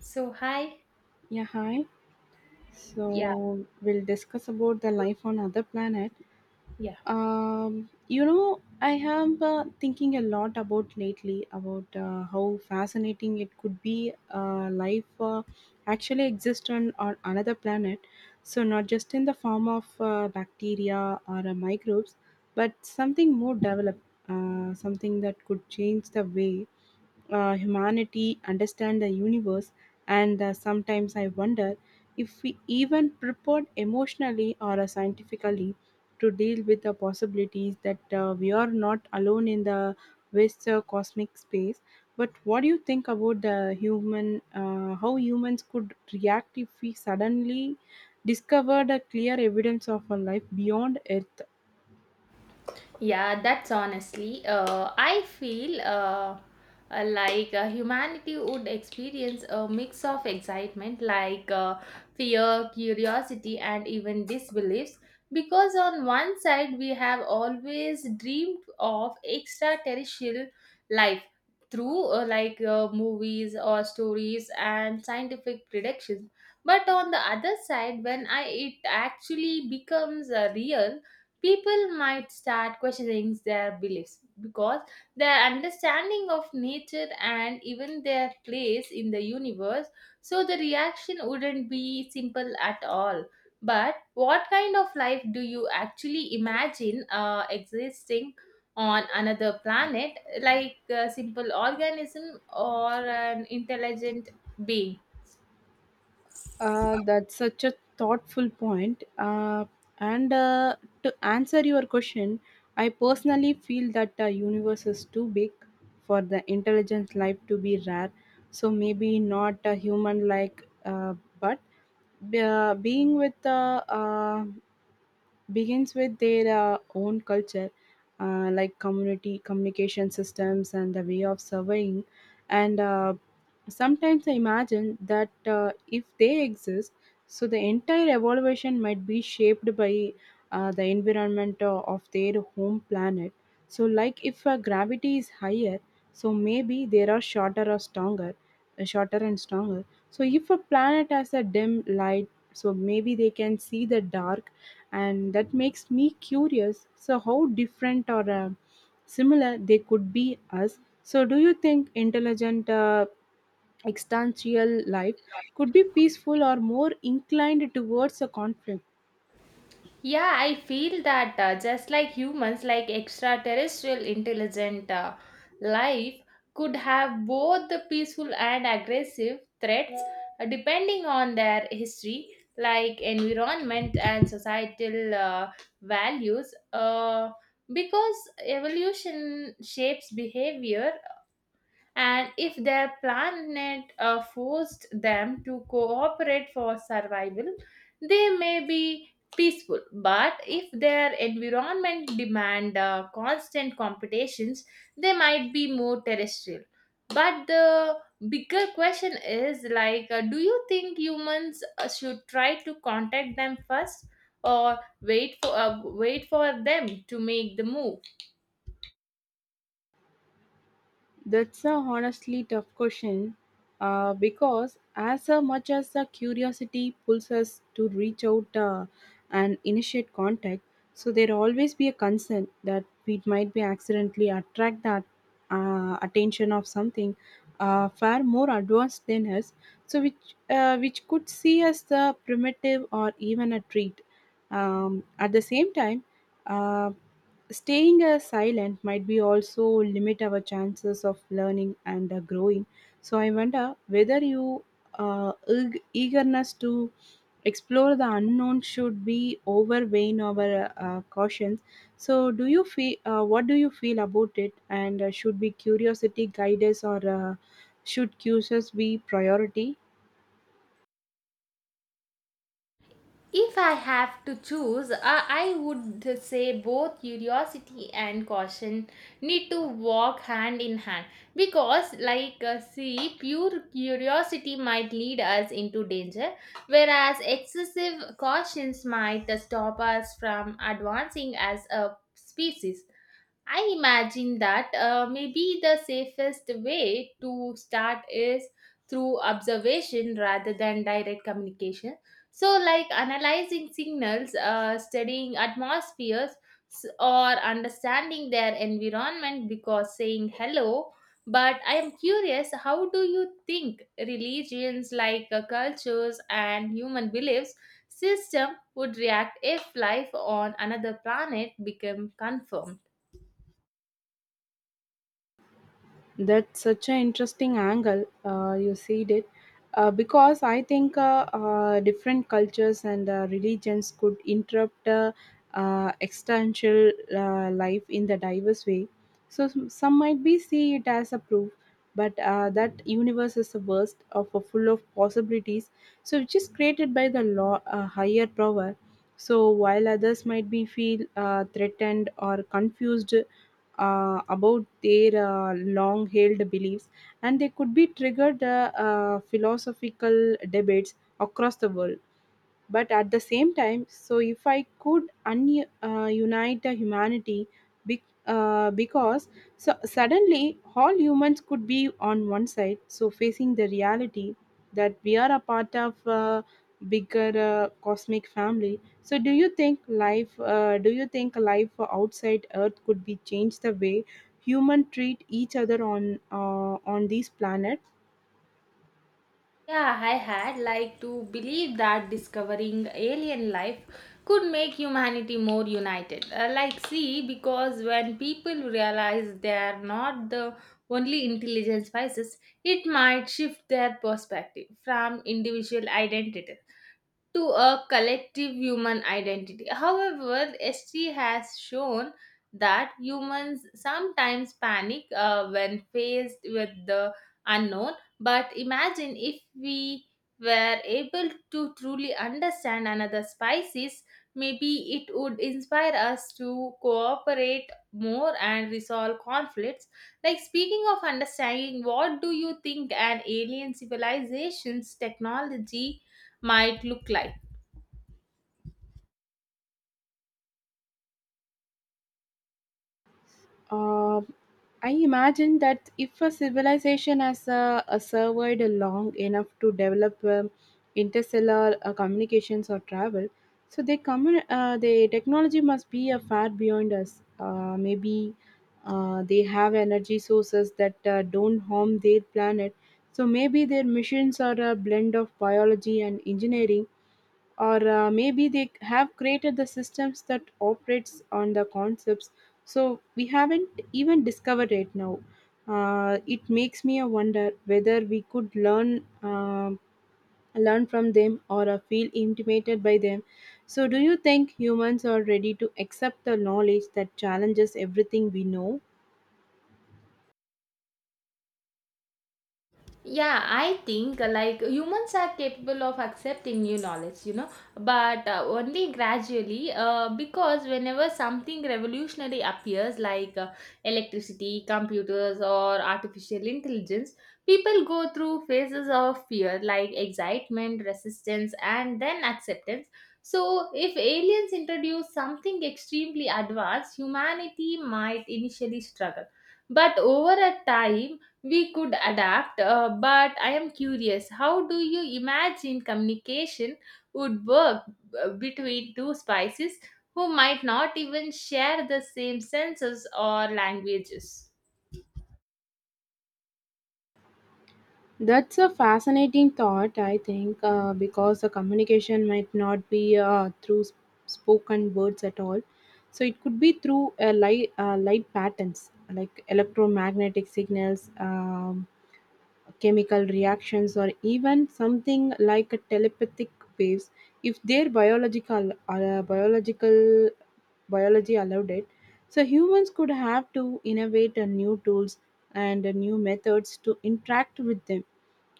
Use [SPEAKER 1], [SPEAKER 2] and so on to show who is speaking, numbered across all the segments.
[SPEAKER 1] So hi,
[SPEAKER 2] Yeah, hi.
[SPEAKER 1] yeah,
[SPEAKER 2] So we'll discuss about the life on other planet.
[SPEAKER 1] yeah.
[SPEAKER 2] I have thinking a lot about lately about how fascinating it could be life actually exist on another planet. So not just in the form of bacteria or microbes, but something more developed, something that could change the way humanity understand the universe and sometimes I wonder if we even prepared emotionally or scientifically to deal with the possibilities that we are not alone in the vast cosmic space. But what do you think about the human how humans could react if we suddenly discovered a clear evidence of a life beyond earth?
[SPEAKER 1] yeah, that's honestly. I feel like humanity would experience a mix of excitement, like fear, curiosity, and even disbeliefs. Because on one side, we have always dreamed of extraterrestrial life through like movies or stories and scientific predictions. But on the other side, when I it actually becomes real, people might start questioning their beliefs because their understanding of nature and even their place in the universe, so the reaction wouldn't be simple at all. But what kind of life do you actually imagine existing on another planet, like a simple organism or an intelligent being?
[SPEAKER 2] That's such a thoughtful point. And To answer your question, I personally feel that the universe is too big for the intelligent life to be rare. So maybe not a human like, but being with the begins with their own culture, like community communication systems and the way of surveying. And sometimes I imagine that if they exist, so the entire evaluation might be shaped by the environment of their home planet. So like if gravity is higher, so maybe they are shorter or stronger, shorter and stronger. So if a planet has a dim light, so maybe they can see the dark, and that makes me curious. So how different or similar they could be us? So do you think intelligent existential life could be peaceful or more inclined towards a conflict?
[SPEAKER 1] Yeah, I feel that just like humans, like extraterrestrial intelligent life could have both the peaceful and aggressive threats depending on their history, like environment and societal values. Because evolution shapes behavior, and if their planet forced them to cooperate for survival, they may be peaceful. But if their environment demand constant competitions, they might be more terrestrial. But the bigger question is like, do you think humans should try to contact them first, or wait for them to make the move?
[SPEAKER 2] That's a honestly tough question, because as much as the curiosity pulls us to reach out and initiate contact, so there always be a concern that we might be accidentally attract that attention of something far more advanced than us, so which could see us primitive or even a treat. At the same time, uh, staying silent might be also limit our chances of learning and growing. So I wonder whether you eagerness to explore the unknown should be overweighing our cautions. So do you feel? What do you feel about it? And should be curiosity guide us, or should curiosity be priority?
[SPEAKER 1] If I have to choose, I would say both curiosity and caution need to walk hand in hand because, like, see, pure curiosity might lead us into danger, whereas excessive cautions might stop us from advancing as a species. I imagine that maybe the safest way to start is through observation rather than direct communication. So, like analyzing signals, studying atmospheres, or understanding their environment because saying hello. But I am curious, how do you think religions, like cultures and human beliefs system, would react if life on another planet became confirmed?
[SPEAKER 2] That's such an interesting angle you said it, because I think different cultures and religions could interrupt existential life in the diverse way. So some might be see it as a proof, but that universe is a burst of a full of possibilities, so which is created by the law higher power. So while others might be feel threatened or confused about their long held beliefs, and they could be triggered philosophical debates across the world. But at the same time, so if I could unite the humanity, because so suddenly all humans could be on one side, so facing the reality that we are a part of a bigger cosmic family. So do you think life do you think life outside earth could be changed the way human treat each other on this planet?
[SPEAKER 1] Yeah, I had like to believe that discovering alien life could make humanity more united. Like, see, because when people realize they are not the only intelligent species, it might shift their perspective from individual identity to a collective human identity. However, ST has shown that humans sometimes panic when faced with the unknown. But imagine if we were able to truly understand another species, maybe it would inspire us to cooperate more and resolve conflicts. Like, speaking of understanding, what do you think an alien civilization's technology might look like?
[SPEAKER 2] Uh, I imagine that if a civilization has survived long enough to develop interstellar communications or travel, so they come. The technology must be far beyond us. Maybe they have energy sources that don't harm their planet. So maybe their missions are a blend of biology and engineering, or maybe they have created the systems that operates on the concepts so we haven't even discovered it now. Uh, it makes me a wonder whether we could learn um learn from them or feel intimidated by them. So do you think humans are ready to accept the knowledge that challenges everything we know?
[SPEAKER 1] Yeah, I think like humans are capable of accepting new knowledge, you know, but only gradually, because whenever something revolutionary appears, like electricity, computers, or artificial intelligence, people go through phases of fear, like excitement, resistance, and then acceptance. So if aliens introduce something extremely advanced, humanity might initially struggle, but over a time we could adapt. But I am curious, how do you imagine communication would work between two spices who might not even share the same senses or languages?
[SPEAKER 2] That's a fascinating thought, I think, because the communication might not be through spoken words at all. So it could be through a light, light patterns like electromagnetic signals, chemical reactions, or even something like a telepathic waves, if their biological biological biology allowed it. So humans could have to innovate new tools and new methods to interact with them.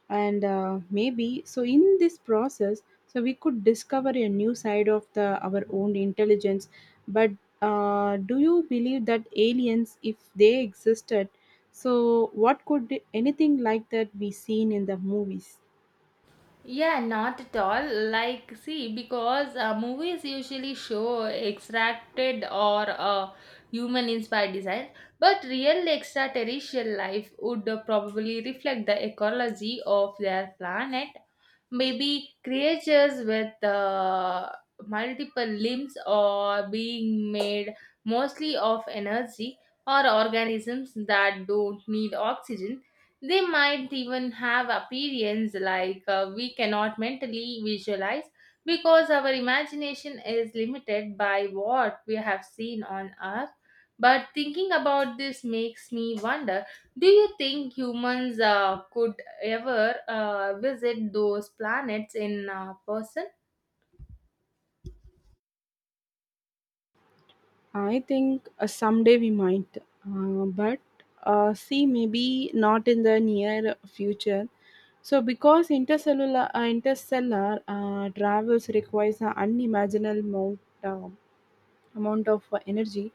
[SPEAKER 2] And maybe so in this process, so we could discover a new side of the our own intelligence. But do you believe that aliens if they existed, so what could anything like that be seen in the movies?
[SPEAKER 1] Yeah, not at all. Like, see, because movies usually show extracted or human inspired designs, but real extraterrestrial life would probably reflect the ecology of their planet. Maybe creatures with multiple limbs, or being made mostly of energy, or organisms that don't need oxygen. They might even have appearance like we cannot mentally visualize, because our imagination is limited by what we have seen on Earth. But thinking about this makes me wonder, do you think humans could ever visit those planets in person?
[SPEAKER 2] I think someday we might, but see maybe not in the near future, so, because intercellular interstellar travels requires an unimaginable amount of energy,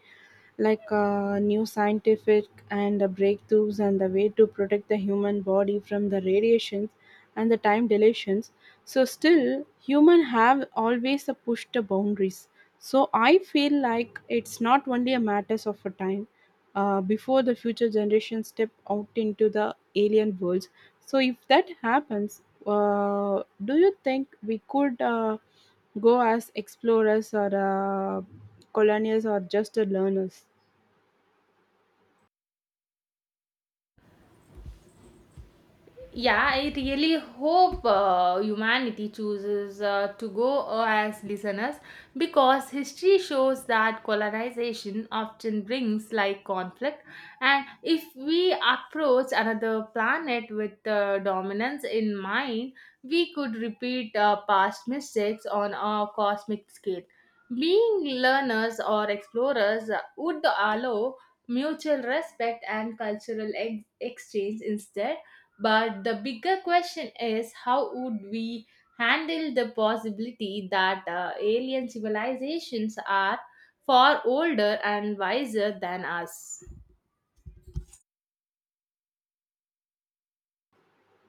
[SPEAKER 2] like new scientific and breakthroughs and the way to protect the human body from the radiations and the time dilations. So still human have always pushed the boundaries, so I feel like it's not only a matters of a time before the future generations step out into the alien worlds. So if that happens, do you think we could go as explorers or colonials or just learners?
[SPEAKER 1] Yeah, I really hope humanity chooses to go as listeners, because history shows that colonization often brings like conflict, and if we approach another planet with dominance in mind, we could repeat past mistakes on a cosmic scale. Being learners or explorers would allow mutual respect and cultural exchange instead. But the bigger question is, how would we handle the possibility that alien civilizations are far older and wiser than us?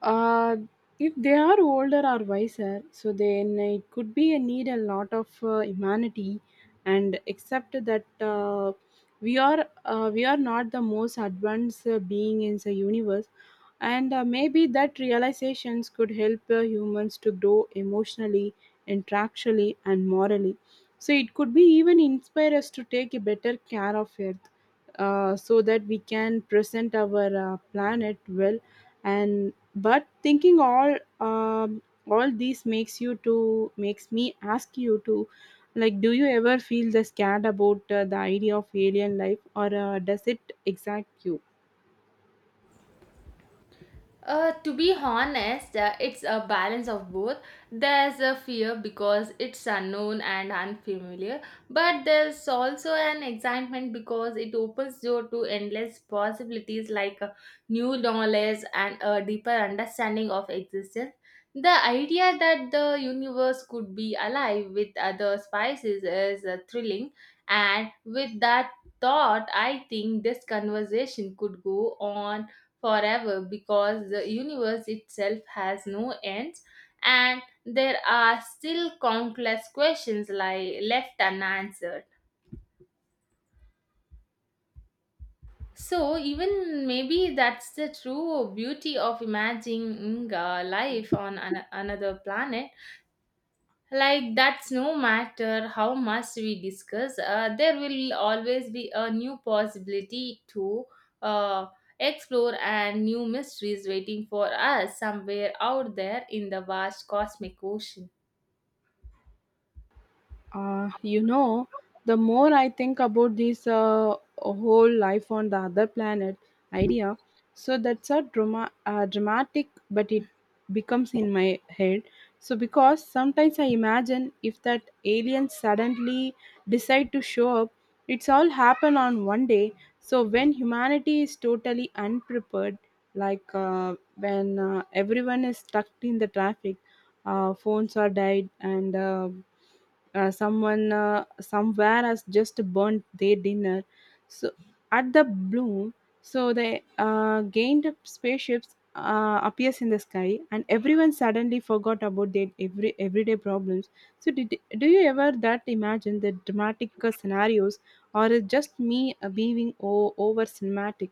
[SPEAKER 2] Uh, if they are older or wiser, so then it could be a need a lot of humanity and accept that we are not the most advanced being in the universe. And maybe that realizations could help humans to grow emotionally, intellectually, and morally. So it could be even inspire us to take a better care of Earth, so that we can present our planet well. And but thinking all these makes you to makes me ask you to, like, do you ever feel the scared about the idea of alien life, or does it excite you?
[SPEAKER 1] To be honest, it's a balance of both. There's a fear because it's unknown and unfamiliar, but there's also an excitement because it opens door to endless possibilities, like new knowledge and a deeper understanding of existence. The idea that the universe could be alive with other species is thrilling, and with that thought, I think this conversation could go on forever, because the universe itself has no ends, and there are still countless questions like left unanswered. So even maybe that's the true beauty of imagining a life on another planet, like that's no matter how much we discuss, there will always be a new possibility to uh, explore, and new mysteries waiting for us somewhere out there in the vast cosmic ocean.
[SPEAKER 2] You know, the more I think about this whole life on the other planet idea, so that's a dramatic, but it becomes in my head. So because sometimes I imagine if that aliens suddenly decide to show up, it's all happen on one day. So when humanity is totally unprepared, like when everyone is stuck in the traffic, phones are died, and someone somewhere has just burnt their dinner, so at the bloom, so the gained spaceships appears in the sky, and everyone suddenly forgot about their everyday problems. So did do you ever that imagine the dramatic scenarios, or is just me over cinematic?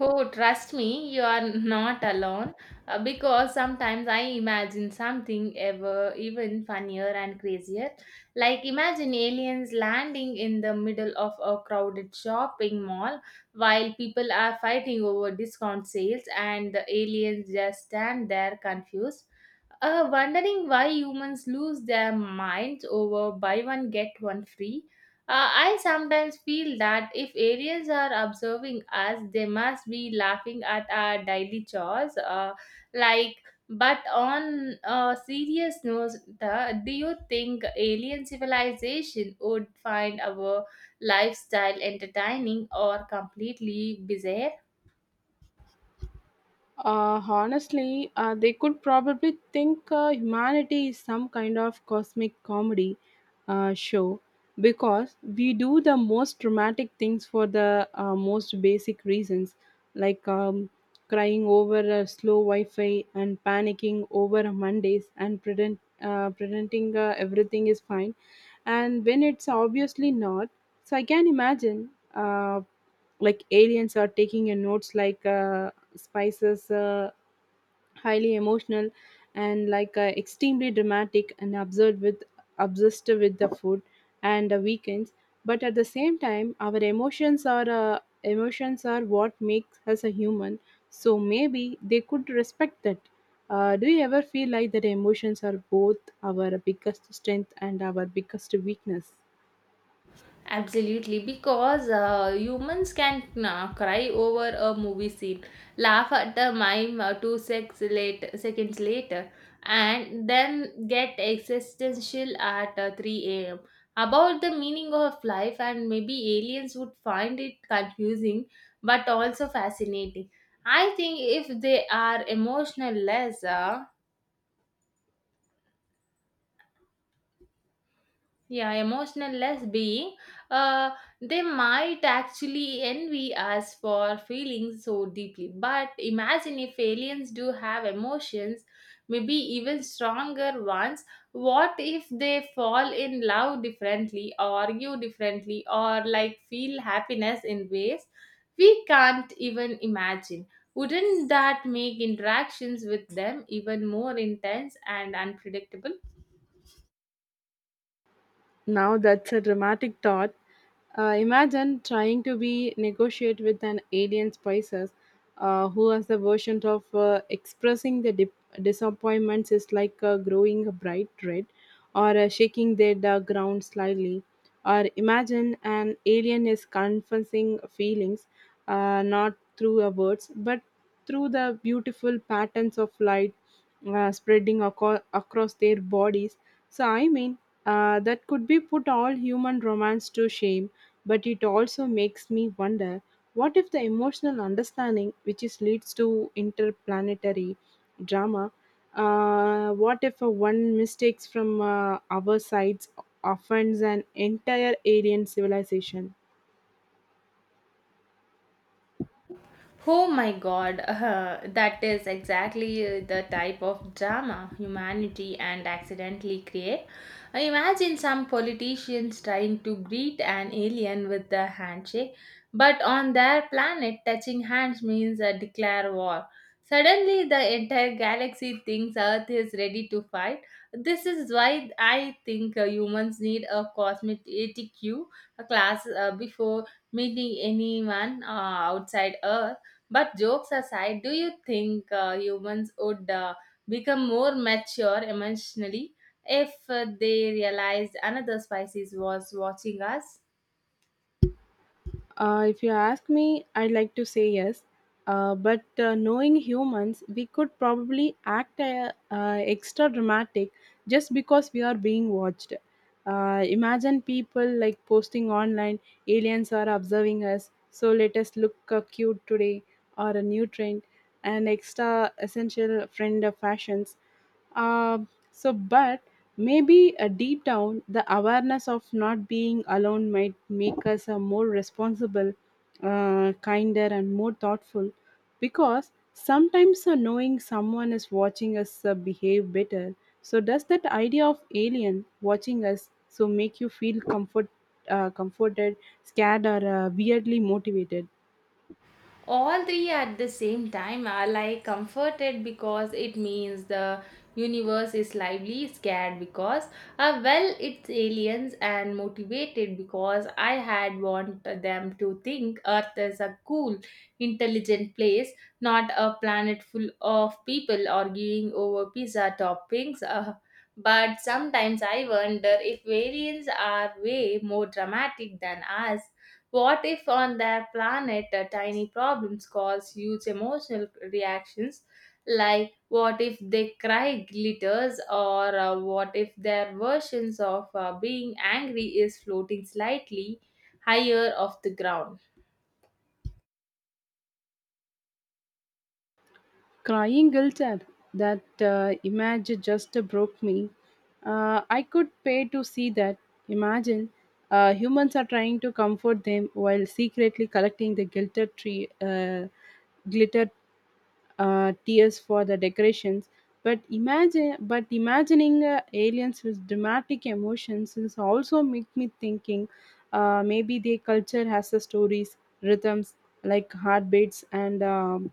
[SPEAKER 1] Oh, trust me, you are not alone, because sometimes I imagine something ever even funnier and crazier. Like imagine aliens landing in the middle of a crowded shopping mall while people are fighting over discount sales, and the aliens just stand there confused, wondering why humans lose their minds over buy one get one free. I sometimes feel that if aliens are observing us, they must be laughing at our daily chores. Like, but on a serious note, the, do you think alien civilization would find our lifestyle entertaining or completely bizarre?
[SPEAKER 2] Honestly, they could probably think humanity is some kind of cosmic comedy show, because we do the most dramatic things for the most basic reasons, like crying over a slow Wi Fi and panicking over Mondays and pretending everything is fine. And when it's obviously not, so I can imagine like aliens are taking your notes like spices. Highly emotional and like extremely dramatic and absurd with obsessed with the food and the weekends. But at the same time our emotions are what makes us a human, so maybe they could respect that. Do you ever feel like that emotions are both our biggest strength and our biggest weakness?
[SPEAKER 1] Absolutely, because humans can cry over a movie scene, laugh at the mime two secs late, seconds later, and then get existential at 3 a.m. about the meaning of life, and maybe aliens would find it confusing but also fascinating. I think if they are emotional less, yeah, emotional less being, uh, they might actually envy us for feeling so deeply. But imagine if aliens do have emotions, maybe even stronger ones. What if they fall in love differently, argue differently, or like feel happiness in ways we can't even imagine? Wouldn't that make interactions with them even more intense and unpredictable?
[SPEAKER 2] Now that's a dramatic thought. Imagine trying to be negotiate with an alien spices who has the version of expressing the disappointments is like growing a bright red or shaking the ground slightly. Or imagine an alien is confessing feelings not through a words but through the beautiful patterns of light spreading across their bodies. So I mean, that could be put all human romance to shame, but it also makes me wonder what if the emotional understanding which is leads to interplanetary drama, what if a one mistakes from our sides offends an entire alien civilization?
[SPEAKER 1] Oh my god, that is exactly the type of drama humanity and accidentally create. Imagine some politicians trying to greet an alien with the handshake, but on their planet, touching hands means a declare war. Suddenly, the entire galaxy thinks Earth is ready to fight. This is why I think humans need a cosmic ATQ class before meeting anyone outside Earth. But jokes aside, do you think humans would become more mature emotionally if they realized another species was watching us?
[SPEAKER 2] If you ask me, I'd like to say yes. But knowing humans, we could probably act extra dramatic just because we are being watched. Imagine people like posting online, aliens are observing us, so let us look cute today, or a new trend, and extra essential friend of fashions. Uh, so, but Maybe deep down, the awareness of not being alone might make us a more responsible, kinder, and more thoughtful. Because sometimes knowing someone is watching us behave better. So does that idea of alien watching us so make you feel comforted, scared, or weirdly motivated?
[SPEAKER 1] All three at the same time, are like comforted because it means the universe is lively, scared because well it's aliens, and motivated because I had want them to think earth is a cool intelligent place, not a planet full of people arguing over pizza toppings. But sometimes I wonder, if aliens are way more dramatic than us, what if on their planet tiny problems cause huge emotional reactions? Like, what if they cry glitters, or what if their versions of being angry is floating slightly higher off the ground?
[SPEAKER 2] Crying guilt at that image just broke me. I could pay to see that. Imagine, humans are trying to comfort them while secretly collecting the glitter tree, glitter tears for the decorations. But imagine but imagining aliens with dramatic emotions is also make me thinking. Maybe their culture has the stories rhythms like heartbeats and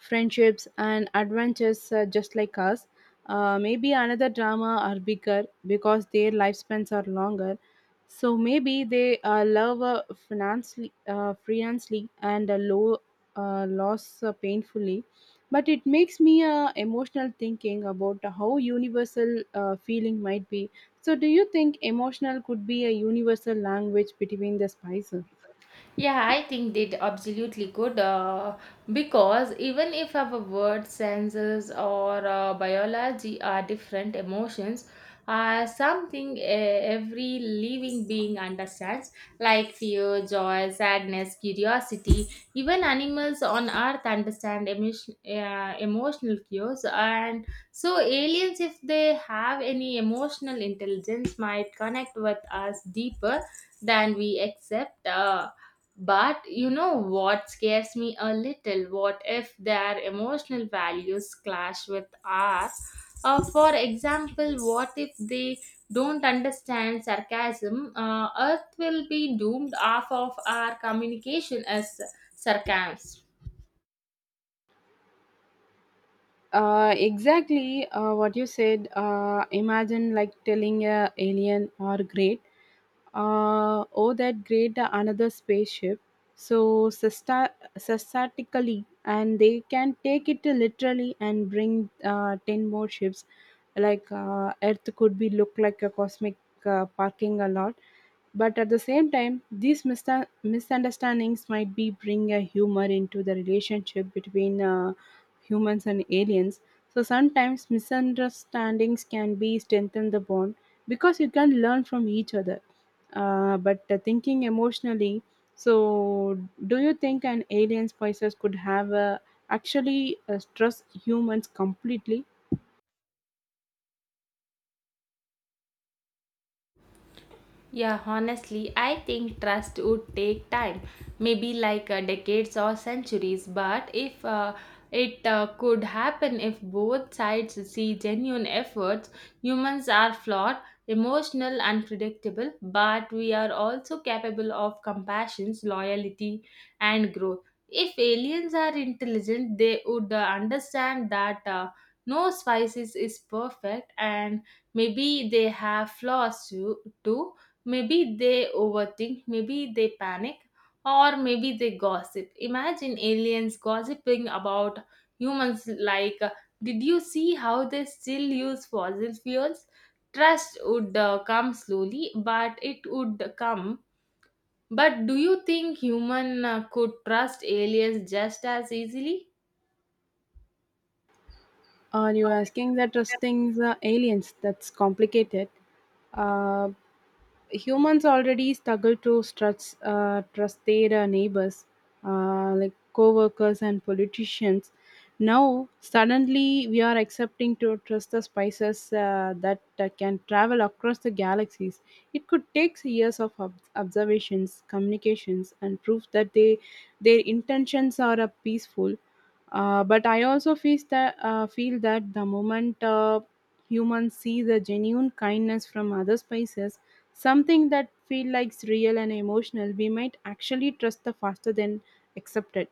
[SPEAKER 2] friendships, and adventures just like us. Maybe another drama are bigger because their lifespans are longer. So maybe they love financially, freelance-ly, and low loss painfully. But it makes me emotional thinking about how universal feeling might be. So do you think emotional could be a universal language between the spices?
[SPEAKER 1] Yeah, I think they absolutely could, because even if our words, senses, or biology are different, emotions are something every living being understands, like fear, joy, sadness, curiosity. Even animals on Earth understand emotional cues, and so aliens, if they have any emotional intelligence, might connect with us deeper than we accept. But you know what scares me a little? What if their emotional values clash with ours? For example, what if they don't understand sarcasm? Earth will be doomed, half of our communication as sarcasm.
[SPEAKER 2] Exactly what you said. Imagine like telling a alien or great, oh that great, another spaceship. So statistically, and they can take it literally and bring 10 more ships. Like, Earth could be look like a cosmic parking a lot. But at the same time, these misunderstandings might be bring a humor into the relationship between humans and aliens. So sometimes misunderstandings can be strengthen the bond because you can learn from each other. But thinking emotionally, so do you think an alien spices could have actually trust humans completely?
[SPEAKER 1] Yeah, honestly, I think trust would take time, maybe like decades or centuries. But if it could happen if both sides see genuine efforts. Humans are flawed, emotional, unpredictable, but we are also capable of compassion, loyalty, and growth. If aliens are intelligent, they would understand that no species is perfect, and maybe they have flaws too. Maybe they overthink, maybe they panic, or maybe they gossip. Imagine aliens gossiping about humans like, did you see how they still use fossil fuels? Trust would come slowly, but it would come. But do you think human could trust aliens just as easily?
[SPEAKER 2] Are you asking that trusting the aliens? That's complicated. Uh, Humans already struggle to trust their neighbors, like co-workers and politicians. Now, suddenly, we are accepting to trust the spices that can travel across the galaxies. It could take years of observations, communications, and proof that they their intentions are peaceful, but I also feel that the moment humans see the genuine kindness from other species, something that feel like real and emotional, we might actually trust the faster than accepted.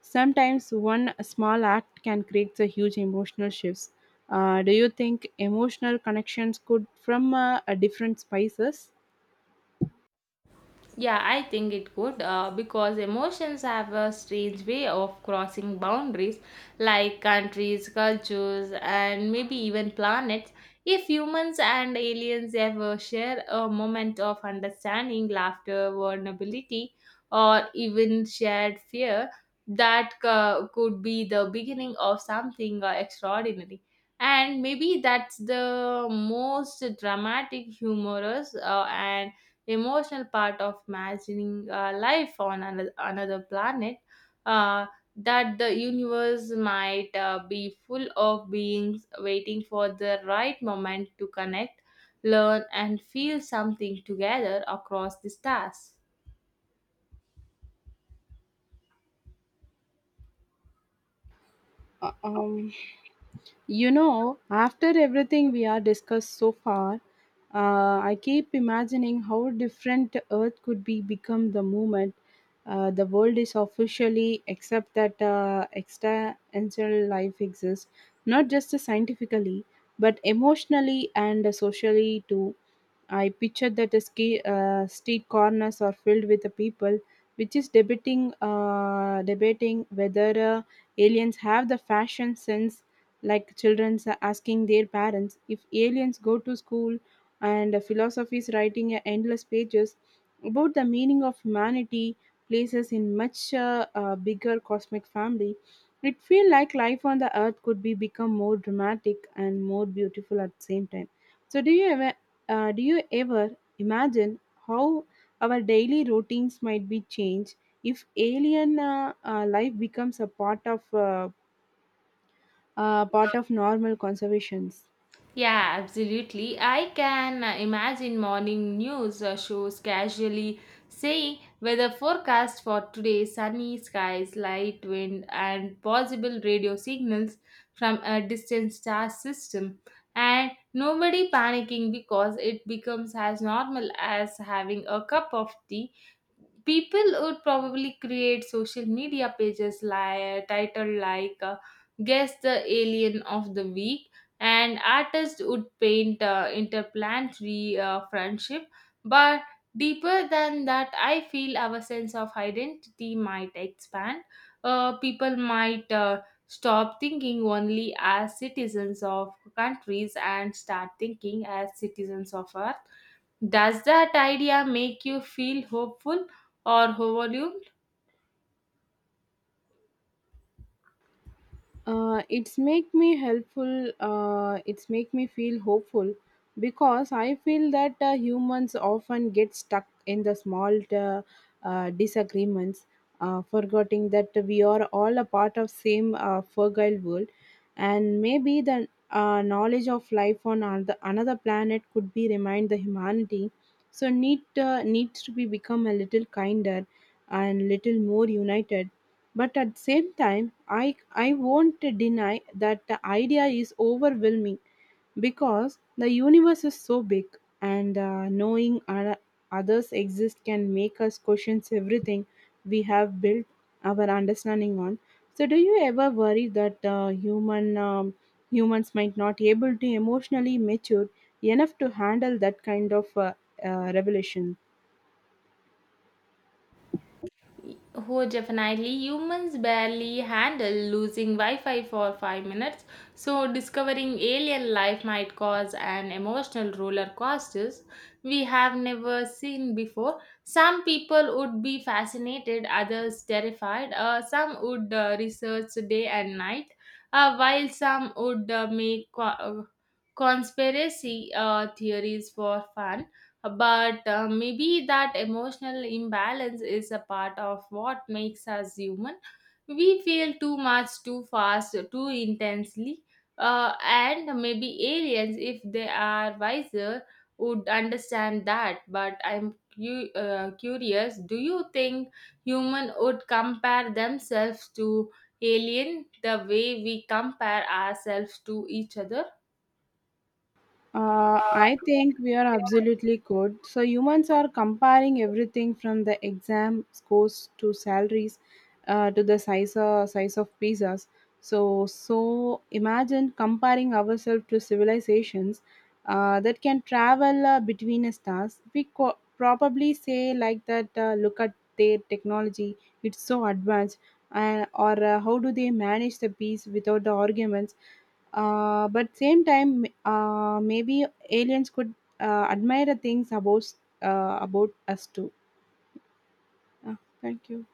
[SPEAKER 2] Sometimes one small act can create a huge emotional shifts. Do you think emotional connections could from a different spices?
[SPEAKER 1] Yeah, I think it could, because emotions have a strange way of crossing boundaries, like countries, cultures, and maybe even planets. If humans and aliens ever share a moment of understanding, laughter, vulnerability, or even shared fear, that could be the beginning of something extraordinary. And maybe that's the most dramatic, humorous, and emotional part of imagining life on another planet, uh, that the universe might be full of beings waiting for the right moment to connect, learn, and feel something together across the stars.
[SPEAKER 2] Uh, um, You know, after everything we are discussed so far, I keep imagining how different Earth could be become the moment the world is officially accept that extraterrestrial life exists, not just scientifically, but emotionally and socially too. I pictured that the street corners are filled with the people, which is debating whether aliens have the fashion sense, like children asking their parents if aliens go to school, and philosophies writing endless pages about the meaning of humanity, places in much bigger cosmic family. It feel like life on the earth could be become more dramatic and more beautiful at the same time. So, do you ever imagine how our daily routines might be changed if alien life becomes a part of normal conservations?
[SPEAKER 1] Yeah, absolutely. I can imagine morning news shows casually saying, weather forecast for today, sunny skies, light wind, and possible radio signals from a distant star system. And nobody panicking because it becomes as normal as having a cup of tea. People would probably create social media pages like titled like guess the alien of the week, and artists would paint interplanetary friendship. But deeper than that, I feel our sense of identity might expand. People might stop thinking only as citizens of countries and start thinking as citizens of earth. Does that idea make you feel hopeful or overwhelmed?
[SPEAKER 2] It's make me feel hopeful because I feel that humans often get stuck in the small disagreements, forgetting that we are all a part of same fragile world, and maybe the knowledge of life on another planet could be remind the humanity so needs to be become a little kinder and little more united. But at the same time, I won't deny that the idea is overwhelming, because the universe is so big, and knowing others exist can make us question everything we have built our understanding on. So, do you ever worry that humans might not able to emotionally mature enough to handle that kind of revelation?
[SPEAKER 1] Oh, definitely. Humans barely handle losing Wi Fi for 5 minutes, so discovering alien life might cause an emotional roller coaster we have never seen before. Some people would be fascinated, others terrified, some would research day and night, while some would make conspiracy theories for fun. But maybe that emotional imbalance is a part of what makes us human. We feel too much, too fast, too intensely, and maybe aliens, if they are wiser, would understand that. But I'm curious, do you think human would compare themselves to alien the way we compare ourselves to each other?
[SPEAKER 2] I think we are absolutely good. So humans are comparing everything from the exam scores to salaries, to the size of pizzas. So imagine comparing ourselves to civilizations that can travel between the stars. Probably say like that. Look at their technology; it's so advanced. Or how do they manage the peace without the arguments? But Same time, maybe aliens could admire the things about us too. uh, Thank you.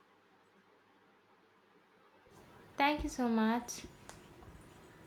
[SPEAKER 1] Thank you so much.